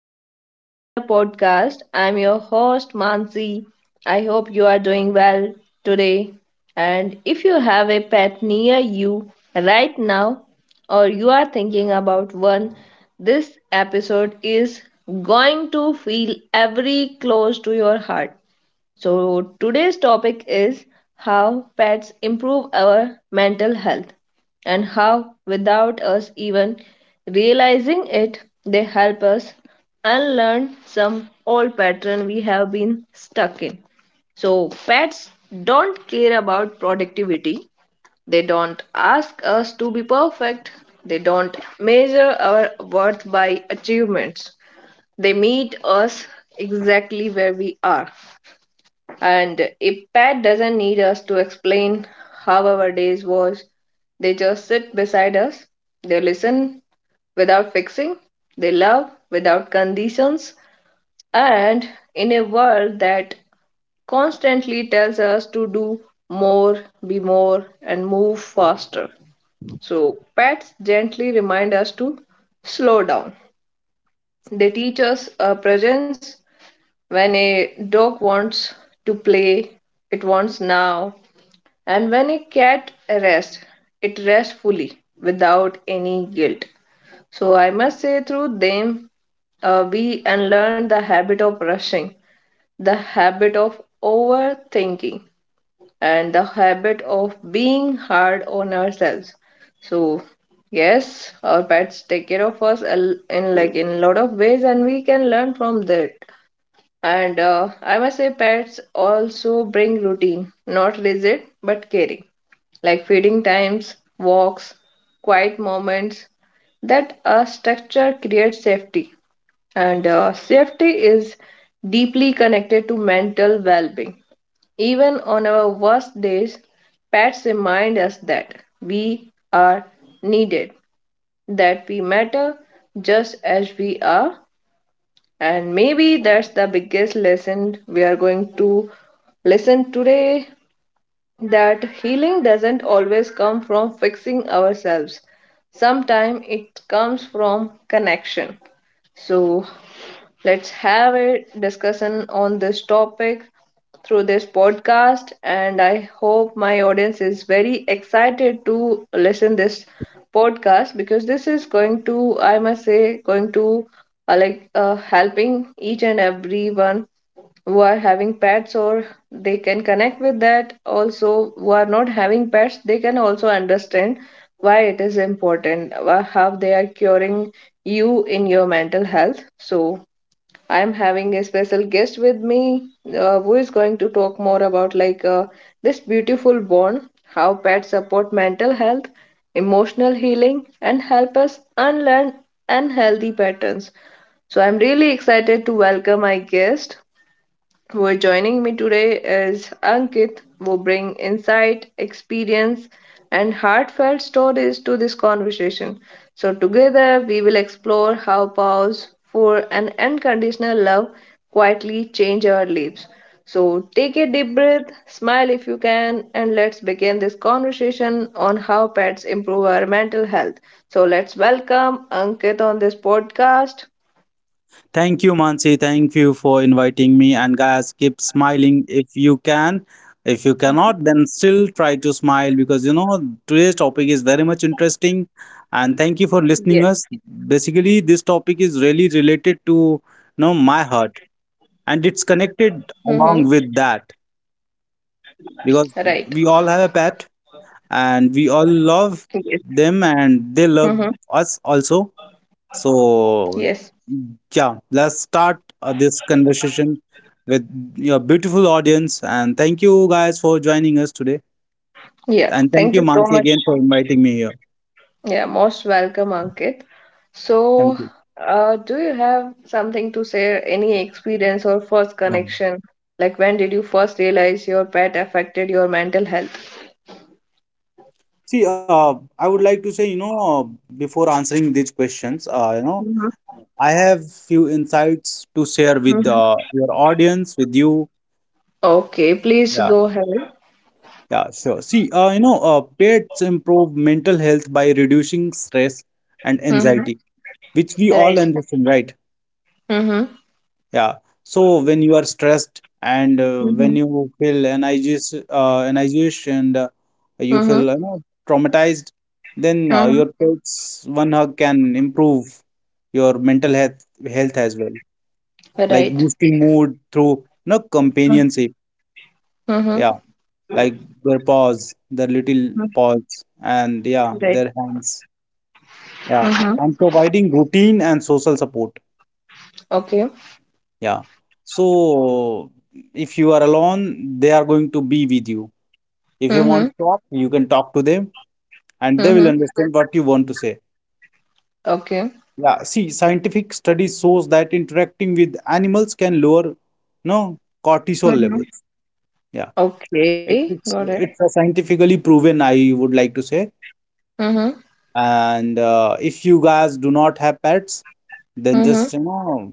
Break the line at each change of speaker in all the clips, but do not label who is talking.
back to our another podcast. I'm your host Mansi. I hope you are doing well today. And if you have a pet near you right now or you are thinking about one, this episode is going to feel every close to your heart. So, today's topic is how pets improve our mental health and how, without us even realizing it, they help us unlearn some old pattern we have been stuck in. So, pets don't care about productivity. They don't ask us to be perfect. They don't measure our worth by achievements. They meet us exactly where we are. And if pet doesn't need us to explain how our days was, they just sit beside us. They listen without fixing. They love without conditions. And in a world that constantly tells us to do more, be more, and move faster. So, pets gently remind us to slow down. They teach us a presence when a dog wants to play, it wants now, and when a cat rests, it rests fully without any guilt. So I must say, through them, we unlearn the habit of rushing, the habit of overthinking, and the habit of being hard on ourselves. So, yes, our pets take care of us in a lot of ways, and we can learn from that. And I must say, pets also bring routine, not rigid but caring like feeding times, walks, quiet moments, that a structure creates safety. And safety is deeply connected to mental well being. Even on our worst days, pets remind us that we are needed, that we matter just as we are. And maybe that's the biggest lesson we are going to listen today that healing doesn't always come from fixing ourselves. Sometimes it comes from connection. So let's have a discussion on this topic through this podcast, and I hope my audience is very excited to listen this podcast because this is going to, I must say, going to like helping each and everyone who are having pets or they can connect with that. Also, who are not having pets, they can also understand why it is important, how they are curing you in your mental health. So I am having a special guest with me, who is going to talk more about like, this beautiful bond, how pets support mental health, emotional healing, and help us unlearn unhealthy patterns. So I'm really excited to welcome my guest who are joining me today is Ankit, who bring insight, experience, and heartfelt stories to this conversation. So together we will explore how vows for an unconditional love quietly change our lives. So take a deep breath, smile if you can, and let's begin this conversation on how pets improve our mental health. So let's welcome Ankit on this podcast.
Thank you, Mansi. Thank you for inviting me. And guys, keep smiling if you can. If you cannot, then still try to smile because today's topic is very much interesting. And thank
Yes.
you for listening us. Basically, this topic is really related to my heart, and it's
Mm-hmm.
connected along with that
Right.
because we all have a pet, and we
Yes.
all love them, and they love us also.
Yes.
So, yeah, let's start this conversation with your beautiful audience. And thank you guys for joining us today.
Yeah.
And
Thank
thank
you
you,
so
Mansi,
much.
again for inviting me here.
Yeah, most welcome, Ankit. So,
Thank you.
do you have something to say, any experience or first
Yeah.
connection? Like, when did you first realize your pet affected your mental health?
See, I would like to say, before answering these questions,
Mm-hmm.
I have few insights to share with
Hmm.
your audience, with you.
Okay, please
Yeah,
go ahead.
yeah, sure. See, pets improve mental health by reducing stress and
Mm-hmm.
anxiety, which we all
Right.
understand, right?
Mm-hmm.
Yeah. So when you are stressed, and when
Mm-hmm.
you feel energized and you
Mm-hmm.
feel traumatized, then
Mm-hmm.
your pet's one hug can improve your mental health as well, like
Right.
boosting mood through companionship.
Mm-hmm.
Yeah. Like their paws, their little paws, and yeah,
Right.
their hands. Yeah.
Mm-hmm.
And providing routine and social support.
Okay.
Yeah. So if you are alone, they are going to be with you. If you
Mm-hmm.
want to talk, you can talk to them, and they will
Mm-hmm.
understand what you want to say.
Okay.
Yeah. See, scientific studies shows that interacting with animals can lower, no, cortisol
Mm-hmm.
levels. Yeah.
Okay.
It-
Got
It's
it.
it's a scientifically proven, I would like to say.
Mm-hmm.
And if you guys do not have pets, then
Mm-hmm.
just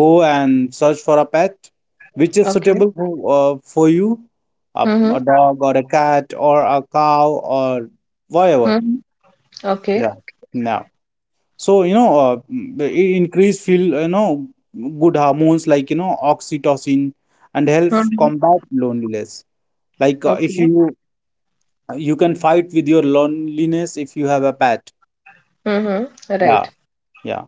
go and search for a pet which is
Okay.
suitable for you, a,
Mm-hmm.
a dog or a cat or a cow or whatever.
Mm-hmm. Okay.
Yeah. Now, so increase feel good hormones like oxytocin, and help
Mm-hmm.
combat loneliness. Like if
Okay.
you can fight with your loneliness if you have a pet.
Mm-hmm.
Yeah,
Right.
yeah.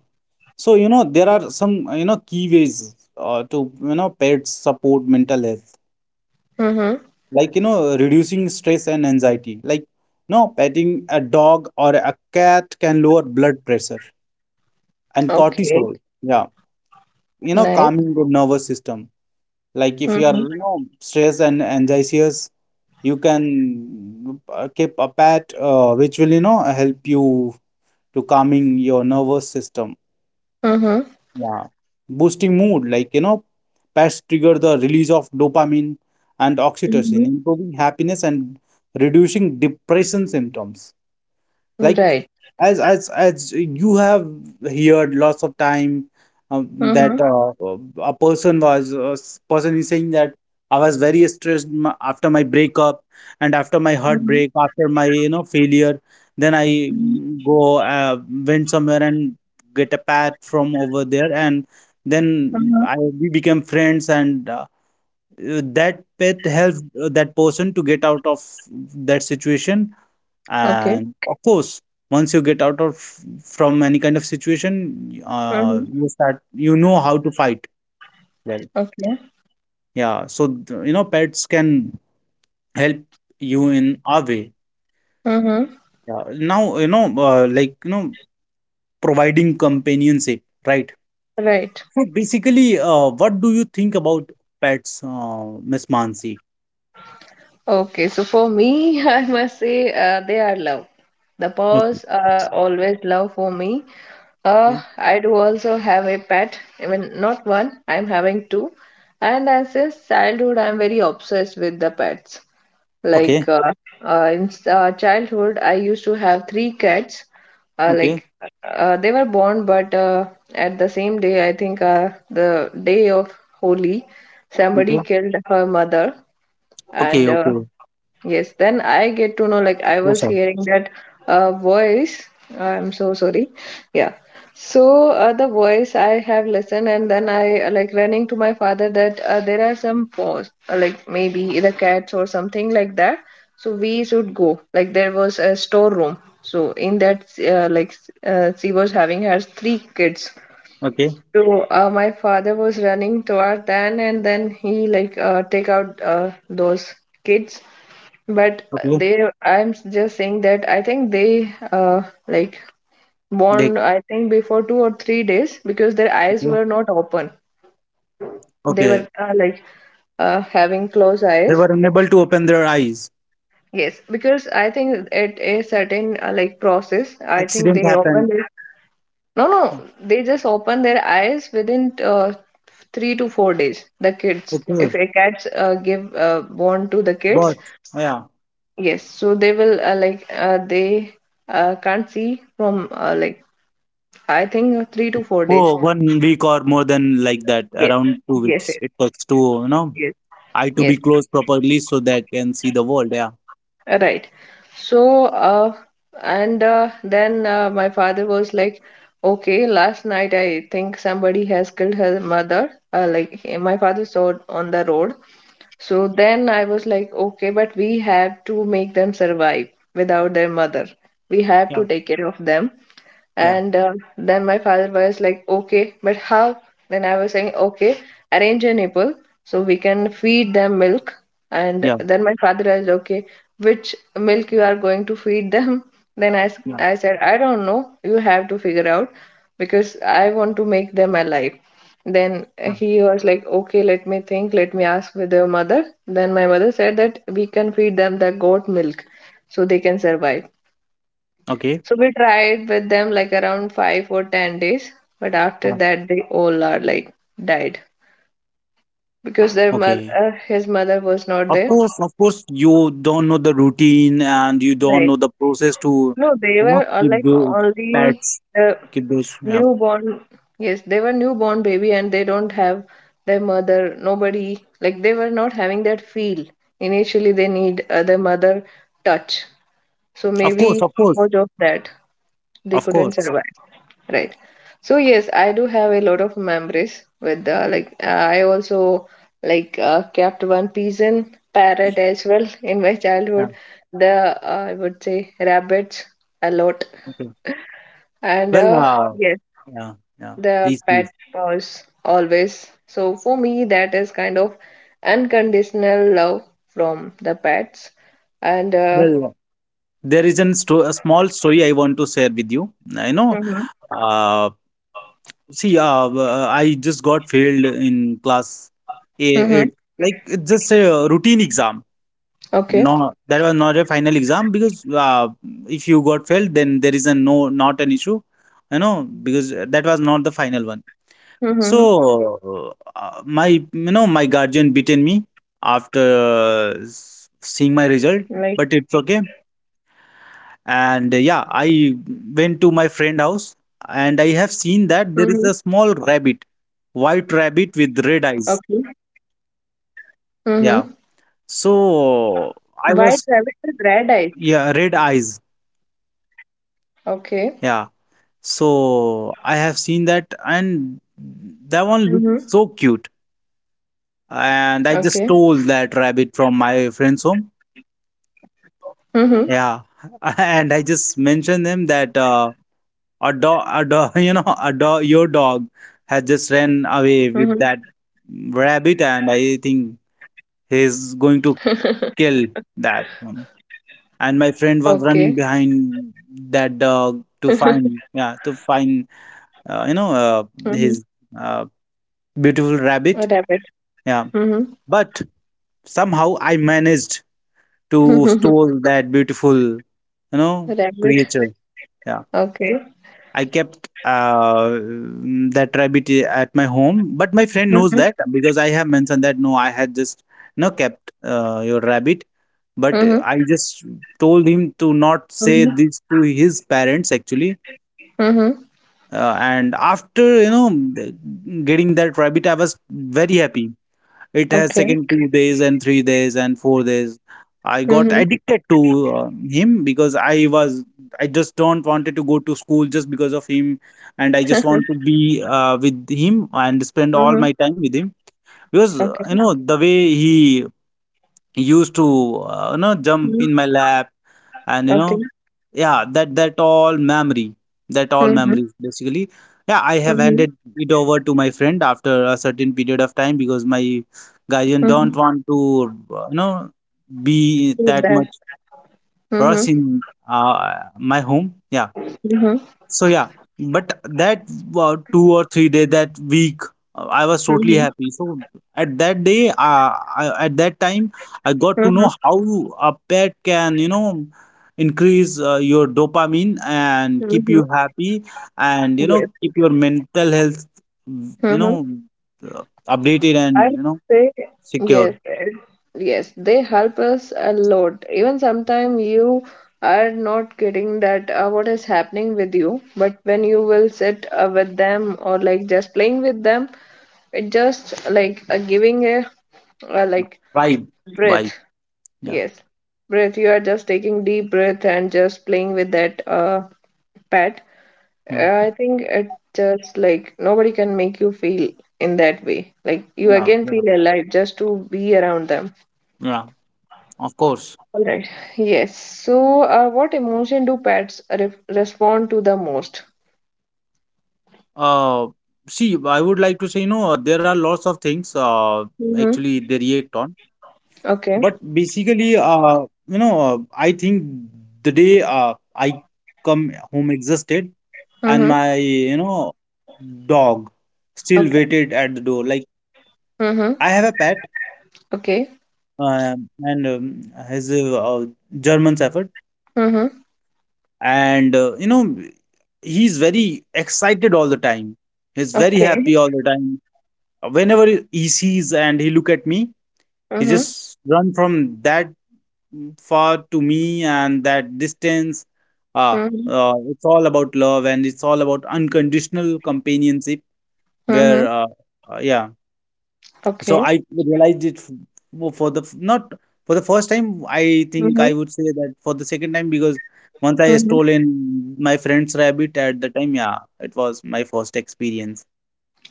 So, there are some, key ways to, pets support mental health,
Mm-hmm.
like, reducing stress and anxiety. Like, petting a dog or a cat can lower blood pressure and
Okay.
cortisol. Yeah. You know,
Nice.
calming the nervous system. Like, if you are,
Mm-hmm.
stressed and anxious, you can keep a pet, which will, help you to calming your nervous system.
Mm-hmm.
Yeah, boosting mood, like pets trigger the release of dopamine and oxytocin,
Mm-hmm.
improving happiness and reducing depression symptoms, like
Right.
as you have heard lots of time, um, that
Mm-hmm.
a person is saying that I was very stressed after my breakup, and after my
Mm-hmm.
heartbreak, after my failure. Then I, mm, go went somewhere and get a pat from over there, and then
Mm-hmm.
I we became friends. And that pet helped that person to get out of that situation.
Okay.
And of course, once you get out of from any kind of situation,
Mm-hmm.
you start how to fight well.
Okay.
Yeah, so pets can help you in a way.
Mm-hmm.
Yeah. Now like providing companionship, right?
Right.
So basically, what do you think about pets, Miss Mansi?
Okay. So for me, I must say, they are love. The
Okay.
paws are always love for me. I do also have a pet, even not one, I'm having two. And since childhood, I'm very obsessed with the pets.
Okay.
Like in childhood, I used to have three cats.
Okay.
Like they were born, but at the same day, I think the day of Holi, somebody
Okay.
killed her mother,
Okay.
and
Okay.
yes, then I get to know, like, I
So
was
sad.
hearing that voice. I'm so sorry. Yeah. So the voice I have listened, and then I, like, running to my father that there are some paws, like maybe the cats or something like that. So we should go. Like there was a storeroom. So in that, like, she was having her three kids.
Okay.
So my father was running toward then, and then he, like, take out those kids, but
Okay.
I'm just saying that I think they, like,
They.
born, I think before 2 or 3 days, because their eyes were not open. They
Okay.
were, like, having closed
They
eyes.
were unable to open their eyes.
Yes, because I think at a certain, like, process, I think
Accident
they open
happened.
their. No, no, they just open their eyes within 3 to 4 days. The kids,
Okay,
if a cat's give born to the kids,
but yeah.
yes, so they will, like, they can't see from, like, I think 3 to 4 days.
Oh, one week or more than like that,
Yes,
around two
yes,
weeks.
yes,
It takes to,
yes.
eye to
Yes,
be closed properly so that can see the world. Yeah,
right. So, and then my father was like, okay, last night I think somebody has killed her mother. Like, my father saw it on the road. So then I was like, okay, but we have to make them survive without their mother. We have to
yeah,
take care of them.
yeah.
And then my father was like, okay, but how? Then I was saying, okay, arrange a nipple so we can feed them milk. And
Yeah,
then my father asked, okay, which milk you are going to feed them? Then
yeah,
I said, I don't know. You have to figure out because I want to make them alive. Then
yeah.
he was like, okay, let me think, let me ask with your mother. Then my mother said that we can feed them the goat milk so they can survive.
Okay.
So we tried with them like around 5 or 10 days, but after
Yeah.
that they all are like died, because their
Okay.
mother, his mother was not there.
Of course, you don't know the routine, and you don't
Right.
know the process to,
No, they were,
keep
like,
those
only
pets,
the
keep those. Yeah.
newborn. Yes, they were newborn baby and they don't have their mother. Nobody like they were not having that feel. Initially, they need their mother touch. So
Of course,
maybe
of course,
because of that, they
of
couldn't
course.
survive, right. So yes, I do have a lot of memories with the, like, I also, like, kept one pigeon parrot as well in my
Yeah.
childhood. The, I would say, rabbits a lot.
Okay.
And
Well,
yes,
yeah, yeah.
the
Please,
pet
please.
was always so for me, that is kind of unconditional love from the pets. And
Well, there is a small story I want to share with you.
Mm-hmm.
Uh, see, I just got failed in class. It,
Mm-hmm.
it like it's just a routine exam.
Okay.
No, that was not a final exam, because if you got failed, then there is a no, not an issue. You know, because that was not the final one.
Mm-hmm.
So my you know my guardian beaten me after seeing my result,
Like.
but it's okay. And yeah, I went to my friend house, and I have
Mm-hmm.
seen that there is a small rabbit, white rabbit with red
Okay.
eyes.
Mm-hmm.
Yeah. So
White
I
rabbit
was,
with red eyes.
yeah, red eyes.
Okay.
Yeah. So I have seen that, and that one looked
Mm-hmm.
so cute. And I just
Okay.
stole that rabbit from my friend's home.
Mm-hmm.
Yeah. And I just mentioned them that a dog a dog, your dog has just ran away
Mm-hmm.
with that rabbit, and I think he's going to kill that one. And my friend was
Okay.
running behind that dog to find, yeah, to find uh, you know uh,
Mm-hmm.
his, uh, beautiful
A
rabbit.
rabbit.
Yeah.
Mm-hmm.
But somehow I managed to
Mm-hmm.
stole that beautiful,
A
creature.
Rabbit.
Yeah.
Okay.
I kept that rabbit at my home, but my friend knows that,
Mm-hmm.
because I have mentioned that no, I had just no kept your rabbit, but
Mm-hmm.
I just told him to not say
Mm-hmm.
this to his parents actually.
Mm-hmm.
And after getting that rabbit, I was very happy. It has
Okay.
second 2 days, and 3 days, and 4 days. I got
Mm-hmm.
addicted to uh, him, because I was, I just don't wanted to go to school just because of him, and I just want to be with him and spend all
Mm-hmm.
my time with him, because
Okay.
the way he used to jump
Mm-hmm.
in my lap, and
Okay.
yeah, that that all
Mm-hmm.
memory basically. Yeah, I have
Mm-hmm.
handed it over to my friend after a certain period of time, because my guardian
Mm-hmm.
don't want to, be that much
Feedback.
rush
Mm-hmm.
in my home. Yeah.
Mm-hmm.
So yeah, but that 2 or 3 day that week, I was totally
Mm-hmm.
happy. So at that day, I, at that time, I got to
Mm-hmm.
know how a pet can, increase your dopamine and keep
Mm-hmm.
you happy, and
Yes.
keep your mental health, mm, you
Mm-hmm.
know, uh, updated, and
I say.
secure.
Yes, yes. Yes, they help us a lot. Even sometimes you are not getting that, what is happening with you, but when you will sit with them or like just playing with them, it just, like, giving a, like,
Vibe,
breath.
vibe. Yeah,
Yes, breath. You are just taking deep breath and just playing with that pet.
yeah,
I think it just, like, nobody can make you feel in that way. Like you
yeah,
again
yeah.
feel alive just to be around them.
Yeah. Of course.
All right. Yes. So, what emotion do pets respond to the most?
Uh, see, I would like to say, there are lots of things
Mm-hmm.
actually they react on.
Okay.
But basically, I think the day I come home exhausted,
Mm-hmm.
and my, dog still
Okay.
waited at the door. Like,
Mm-hmm.
I have a pet,
Okay.
and has a, German Shepherd.
Mm-hmm.
And, he's very excited all the time. He's very
Okay.
happy all the time. Whenever he sees and he look at me, he
Mm-hmm.
just run from that far to me, and that distance, uh,
Mm-hmm.
it's all about love, and it's all about unconditional companionship.
Mm-hmm.
Where, yeah. So
Okay.
I realized it not for the first time. I think
Mm-hmm.
I would say that for the second time, because once I
Mm-hmm.
stolen my friend's rabbit at the time. Yeah, it was my first experience.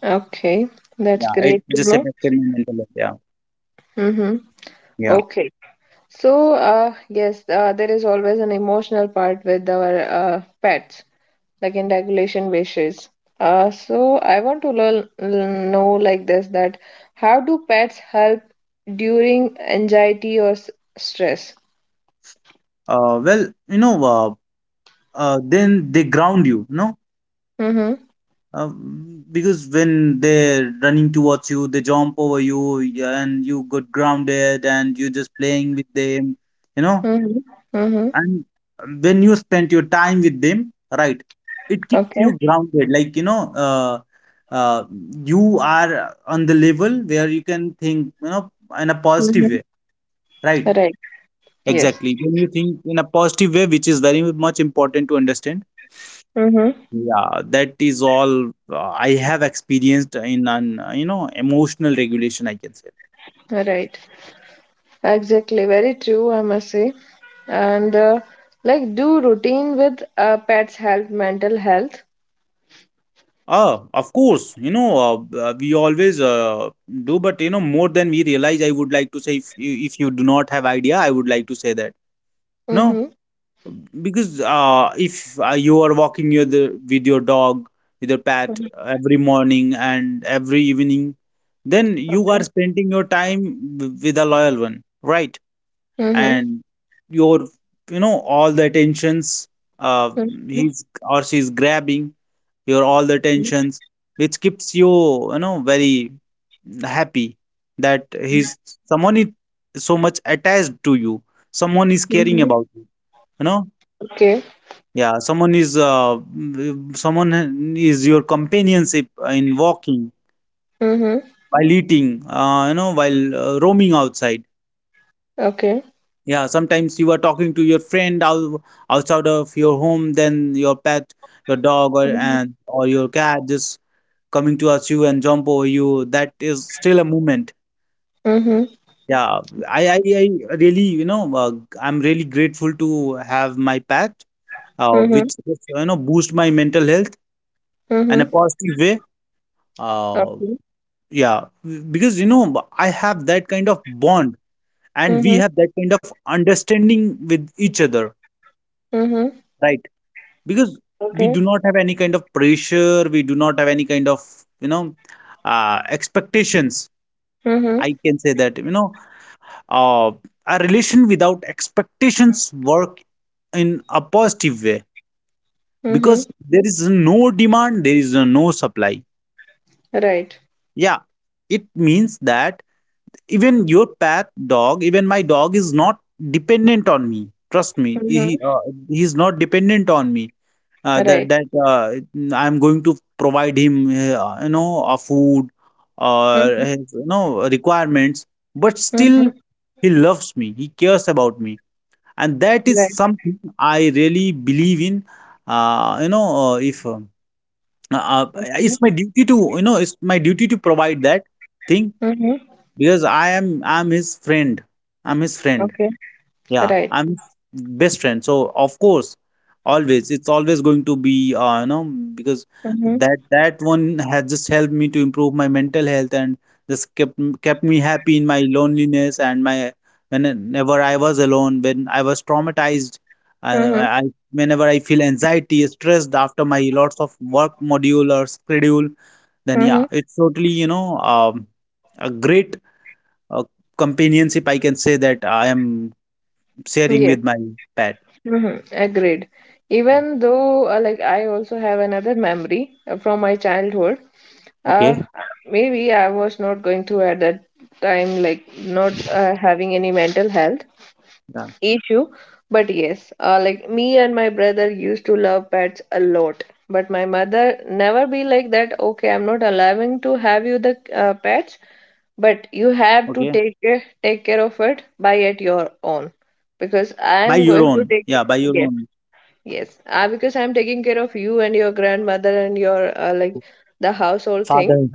Okay.
Yeah,
That's
it
great
just
to know.
affected my mental health. Yeah,
Mm-hmm.
yeah.
Okay. So, yes, there is always an emotional part with our pets. Like in regulation wishes. So I want to learn, know like this that how do pets help during anxiety or stress?
Uh, well, then they ground you, no,
Mm-hmm.
uh, because when they're running towards you, they jump over you, yeah, and you got grounded, and you're just playing with them, you know
Mm-hmm. Mm-hmm.
and when you spend your time with them, right, it keeps
Okay.
you grounded, like uh, you are on the level where you can think, in a positive
Mm-hmm.
way, right?
Right. Yes.
Exactly when you think in a positive way, which is very much important to understand.
Mm-hmm.
Yeah, that is all I have experienced in an, emotional regulation, I can say.
Right. Exactly. Very true, I must say. And like, do routine with pets help mental health?
Ah, of course, we always do, but you know more than we realize, I would like to say. If you do not have idea, I would like to say that no.
Mm-hmm.
Because if you are walking with your dog, with your pet every morning and every evening, then you
Okay.
are spending your time with a loyal one, right?
Mm-hmm.
And your, all the attentions uh,
Mm-hmm.
he's or she's grabbing, your all the attentions, which keeps you, you know very happy, that he's, someone is so much attached to you, someone is caring
Mm-hmm.
about you, you know
Okay.
yeah, someone is someone is your companionship in walking,
Mm-hmm.
while eating, while roaming outside.
Okay.
Yeah, sometimes you are talking to your Friend out, outside of your home, then your pet, your dog or and or your cat just coming towards you and jump over you, that is still a movement.
Mhm.
Yeah. I really I'm really grateful to have my pet,
Mhm.
which is, you know, boost my mental health in a
Mhm.
positive way. uh,
Okay.
yeah, because you know I have that kind of bond and we
Mhm.
have that kind of understanding with each other,
Mhm.
right? Because we do
Okay.
not have any kind of pressure, we do not have any kind of, you know, expectations. I
Mhm.
can say that, you know, uh, a relation without expectations work in a positive way, because
Mhm.
there is no demand there is no supply.
Right.
Yeah, it means that even your pet dog, even my dog is not dependent on me, trust me.
Mhm.
He is not dependent on me, uh, that
Right.
that uh, I'm going to provide him, you know, a food or
Mhm.
his, you know, requirements. But still,
Mhm.
he loves me. He cares about me, and that is
Right.
something I really believe in. You know, if uh, uh,
Okay.
it's my duty to, you know, it's my duty to provide that thing,
Mhm.
because I'm his friend. I'm his friend.
Okay.
Yeah,
Right.
I'm best friend. So of course, always it's always going to be, because
Mhm.
that one has just helped me to improve my mental health and just kept me happy in my loneliness and my, whenever I was alone, when I was traumatized,
Mhm.
I whenever I feel anxiety, stressed after my lots of work module or schedule, then yeah,
Mhm.
it's totally, a great uh, companionship. I can say that I am sharing
Yes.
with my pet.
Mhm. Agreed.
Yeah.
Even though, like, I also have another memory from my childhood. Uh,
Okay.
maybe I was not going through at that time, like, not having any mental health
Yeah.
issue, but yes, like, me and my brother used to love pets a lot, but my mother never be like that, okay, I'm not allowing to have you the pets, but you have to
Okay.
take care of it by at your own, because I
By
am
your
going to
own.
take.
Yeah. By your
Yes.
own
Yes, because I'm taking care of you and your grandmother and your, like, the household thing.
father.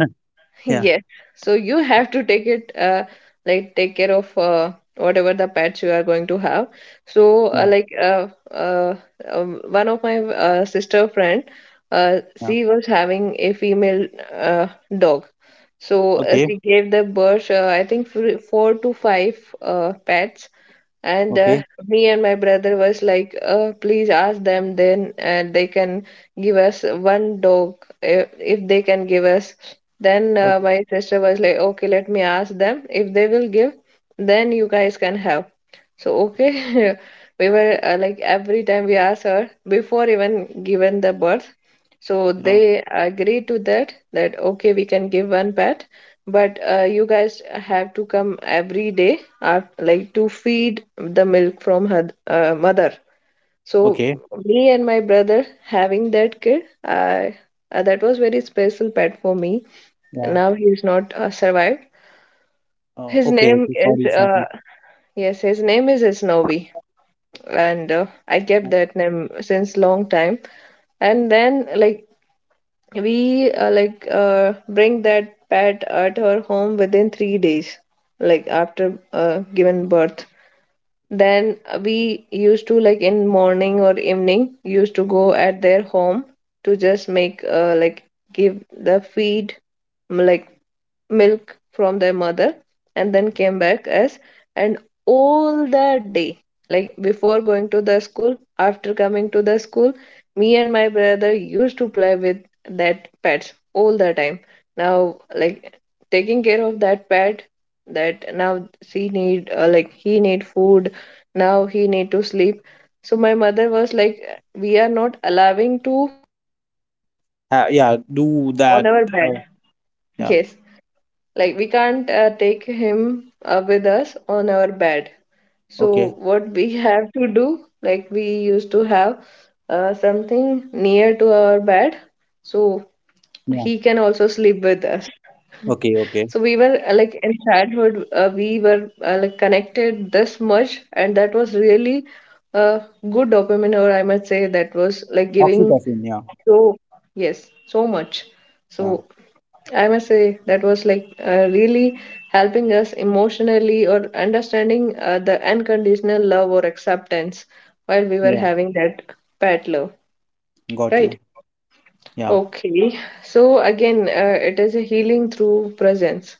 yeah.
Yes. So you have to take it, like take care of whatever the pets you are going to have. So uh,
Yeah.
like uh, uh, One of my sister friend,
Yeah.
she was having a female uh, dog. So
Okay.
she gave the birth, I think four to five pets and
Okay.
me and my brother was like please ask them then and they can give us one dog if they can give us then
Okay.
my sister was like, okay, let me ask them if they will give, then you guys can have. So
Yeah.
okay, we were like every time we asked her before even given the birth, so
You know.
they agreed to that, that okay, we can give one pet, but you guys have to come every day are like to feed the milk from her mother. So
Okay.
me and my brother having that kid, I that was very special pet for me.
Yeah.
Now he is not survived. His
Okay.
name
Okay,
is
sorry. Sorry.
yes, his name is Snowy, and I kept that name since long time. And then like we bring that pet at her home within 3 days, like after given birth. Then we used to like in morning or evening used to go at their home to just make like give the feed, like milk from their mother, and then came back as and all the day, like before going to the school, after coming to the school, me and my brother used to play with that pets all the time. Now like taking care of that pet, that now she need like he need food, now he need to sleep. So my mother was like, we are not allowing to
Yeah. Do that.
on our
Uh,
bed.
yeah.
Yes, like we can't take him with us on our bed. So
Okay.
what we have to do, like we used to have something near to our bed, so
Yeah.
he can also sleep with us.
Okay. Okay.
So we were like in childhood we were like connected this much, and that was really a good dopamine, or I must say that was like giving,
Oxytocin. Yeah.
so yes, so much.
Yeah.
So I must say that was like really helping us emotionally or understanding the unconditional love or acceptance while we were
Yeah.
having that pet love,
Got you.
right?
Yeah.
Okay, so again, it is a healing through presence.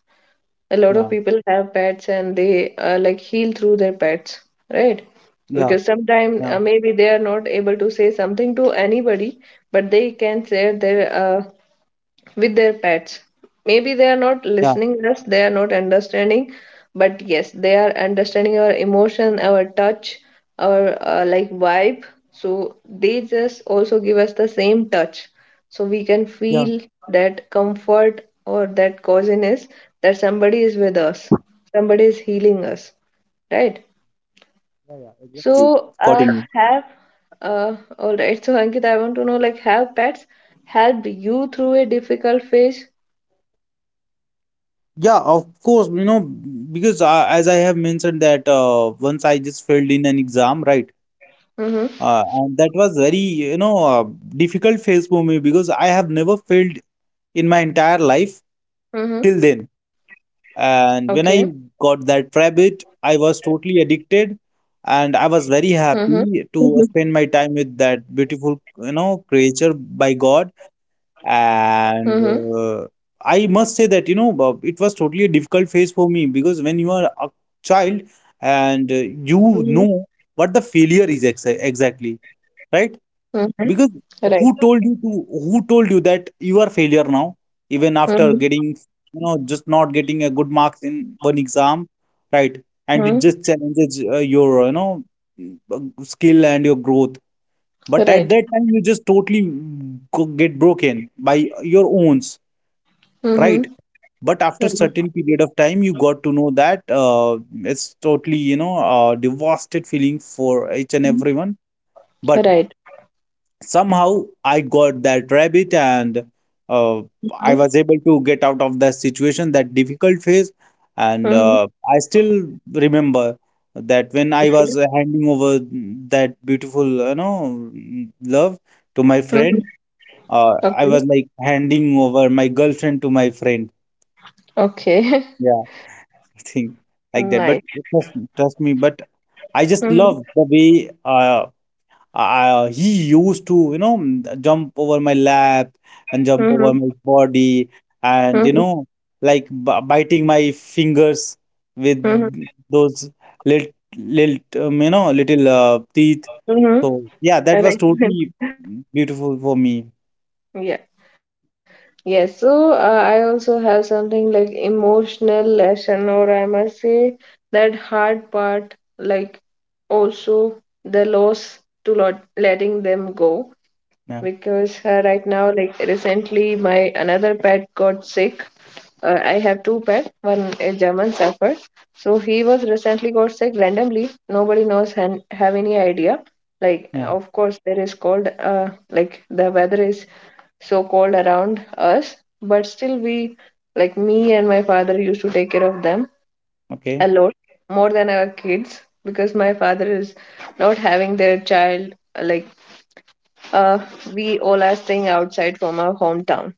A lot of
Yeah.
people have pets and they like heal through their pets, right?
Yeah.
Because sometimes
Yeah.
maybe they are not able to say something to anybody, but they can share their with their pets. Maybe they are not
Yeah.
listening us, they are not understanding, but yes, they are understanding our emotion, our touch, our like vibe. So they just also give us the same touch, so we can
Yeah. Yeah.
feel that comfort or that coziness that somebody is with us, somebody is healing us, right?
Yeah. Exactly.
So
Got it.
have all right. So Ankit, I want to know, like, have pets helped you through a difficult phase?
Yeah, of course, you know, because as I have mentioned that, once I just failed in an exam, right?
Mm-hmm.
And that was very, you know, difficult phase for me, because I have never failed in my entire life
Mm-hmm.
till then.
Okay.
And when I got that rabbit, I was totally addicted, and
Mm-hmm.
I was very happy to spend my time with that beautiful, you know, creature by God.
Mm-hmm.
And uh, I must say that, you know, it was totally a difficult phase for me, because when you are a child and,
Mm-hmm.
you know, what the failure is ex exactly, right?
Mm-hmm.
Because
Right.
who told you that you are failure now, even after
Mm-hmm.
getting, you know, just not getting a good marks in one exam, right? And it
Mm-hmm.
just challenges your, you know, skill and your growth. But at
Right.
that time, you just totally get broken by your owns, right?
Mm-hmm.
But after certain period of time, you got to know that, it's totally, you know, devastated feeling for each and everyone. But
Right.
somehow I got that rabbit and, uh, I
Mm-hmm.
was able to get out of that situation, that difficult phase. And I still remember that when I was handing over that beautiful, you know, love to my
Mm-hmm.
friend, I
Okay.
was like handing over my girlfriend to my friend.
Okay.
Yeah, thing like that. But
Nice.
trust me, but I just
Mm-hmm.
love the way he used to, you know, jump over my lap and jump
Mm-hmm.
over my body and, you
Mm-hmm.
know, like biting my fingers with
Mm-hmm.
those little, little, little teeth.
Mm-hmm.
So, yeah, that was
Right.
totally beautiful for me.
Yeah. Yes. So I also have something like emotional lesson, or I must say that hard part, like also the loss to lot letting them go.
Yeah.
Because right now, like recently, my another pet got sick. I have two pets, one a German Shepherd. So he was recently got sick randomly. Nobody knows and have any idea. Like,
Yeah.
of course, there is cold. Like the weather is so cold around us, but still we, like me and my father, used to take care of them a
Okay.
lot more than our kids, because my father is not having their child uh, we all are staying outside from our hometown.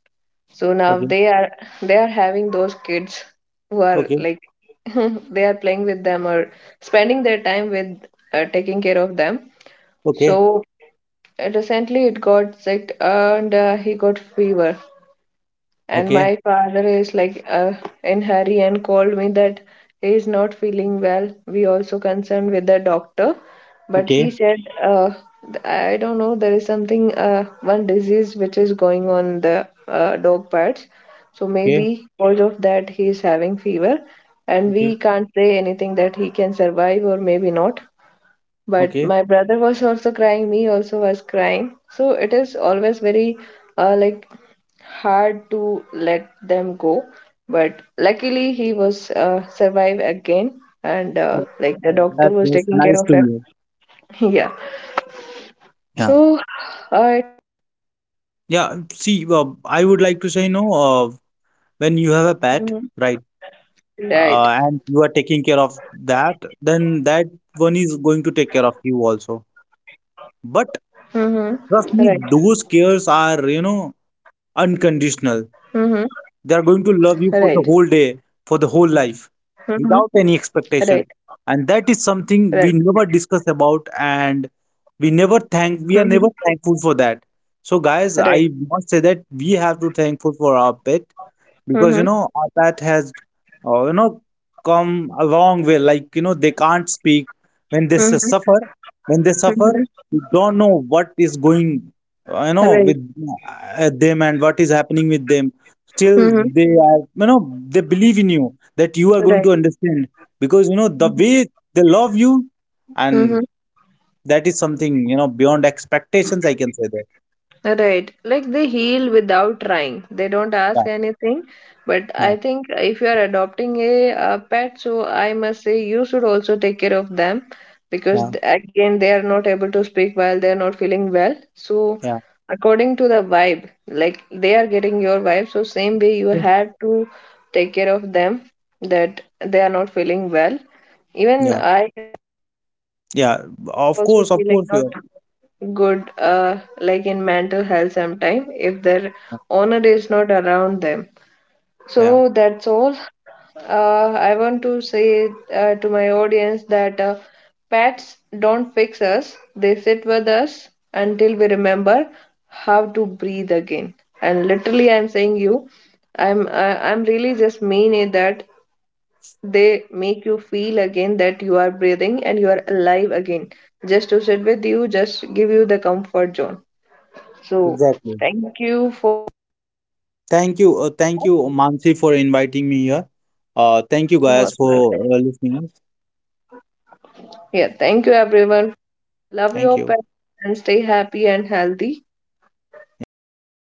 So now
Okay.
they are, they are having those kids who are
Okay.
like they are playing with them or spending their time with taking care of them.
Okay,
So recently it got sick and he got fever. And
okay,
my father is like in hurry and called me that he is not feeling well. We also concerned with the doctor, but he
okay,
said, uh, I don't know, there is something, one disease which is going on the dog parts. So
okay,
maybe because of that he is having fever, and
okay.
we can't say anything that he can survive or maybe not. But
Okay,
my brother was also crying, me also was crying, so it is always very like hard to let them go. But luckily he was survive again, and like the doctor
that
was
was
taking care
nice
of
to
him.
hear.
Yeah.
Yeah,
So I.
yeah. See, I would like to say, no, when you have a
Mhm.
pet, right,
Right.
and you are taking care of that, then that one is going to take care of you also. But
Mm-hmm. Right.
trust me, those cares are, you know,
Mm-hmm.
unconditional. They are
Right.
going to love you for the whole day, for the whole
Mm-hmm.
life, without
Right.
any expectation. And that
Right.
is something we never discuss about, and
Mm-hmm.
we are never thankful for that. So guys,
Right.
I must say that we have to thankful for our pet, because you
Mm-hmm.
know, that has, you know, come a long way. Like, you know, they can't speak when they
Mm-hmm.
suffer, when they suffer,
Mm-hmm.
you don't know what is going, you know,
Right.
with, them, and what is happening with them. Still
Mm-hmm.
they are, you know, they believe in you that you are going
Right.
to understand, because you know the way they love you.
Mm-hmm.
And that is something, you know, beyond expectations, I can say that.
Right. Like they heal without trying. They don't ask
Yeah,
anything. But
yeah,
I think if you are adopting a, uh, pet, so I must say you should also take care of them, because
yeah,
again they are not able to speak while they are not feeling well. So
yeah,
according to the vibe, like they are getting your vibe, so same way you had to take care of them that they are not feeling well. Even
yeah,
I
yeah, of
also
course, of
feel like
course you
not
are.
good like in mental health sometime if their owner is not around them.
Yeah,
So that's all. I want to say to my audience that pets don't fix us, they sit with us until we remember how to breathe again. And literally, I'm saying you, I'm really just mean it, that they make you feel again, that you are breathing and you are alive again, just to sit with you, just give you the comfort zone.
exactly.
So thank you.
Thank you. Thank you, Mansi, for inviting me here. Thank you guys for
Most welcome.
listening us.
Yeah, thank you everyone.
Thank you.
Love your pets and stay happy and healthy.
Yeah.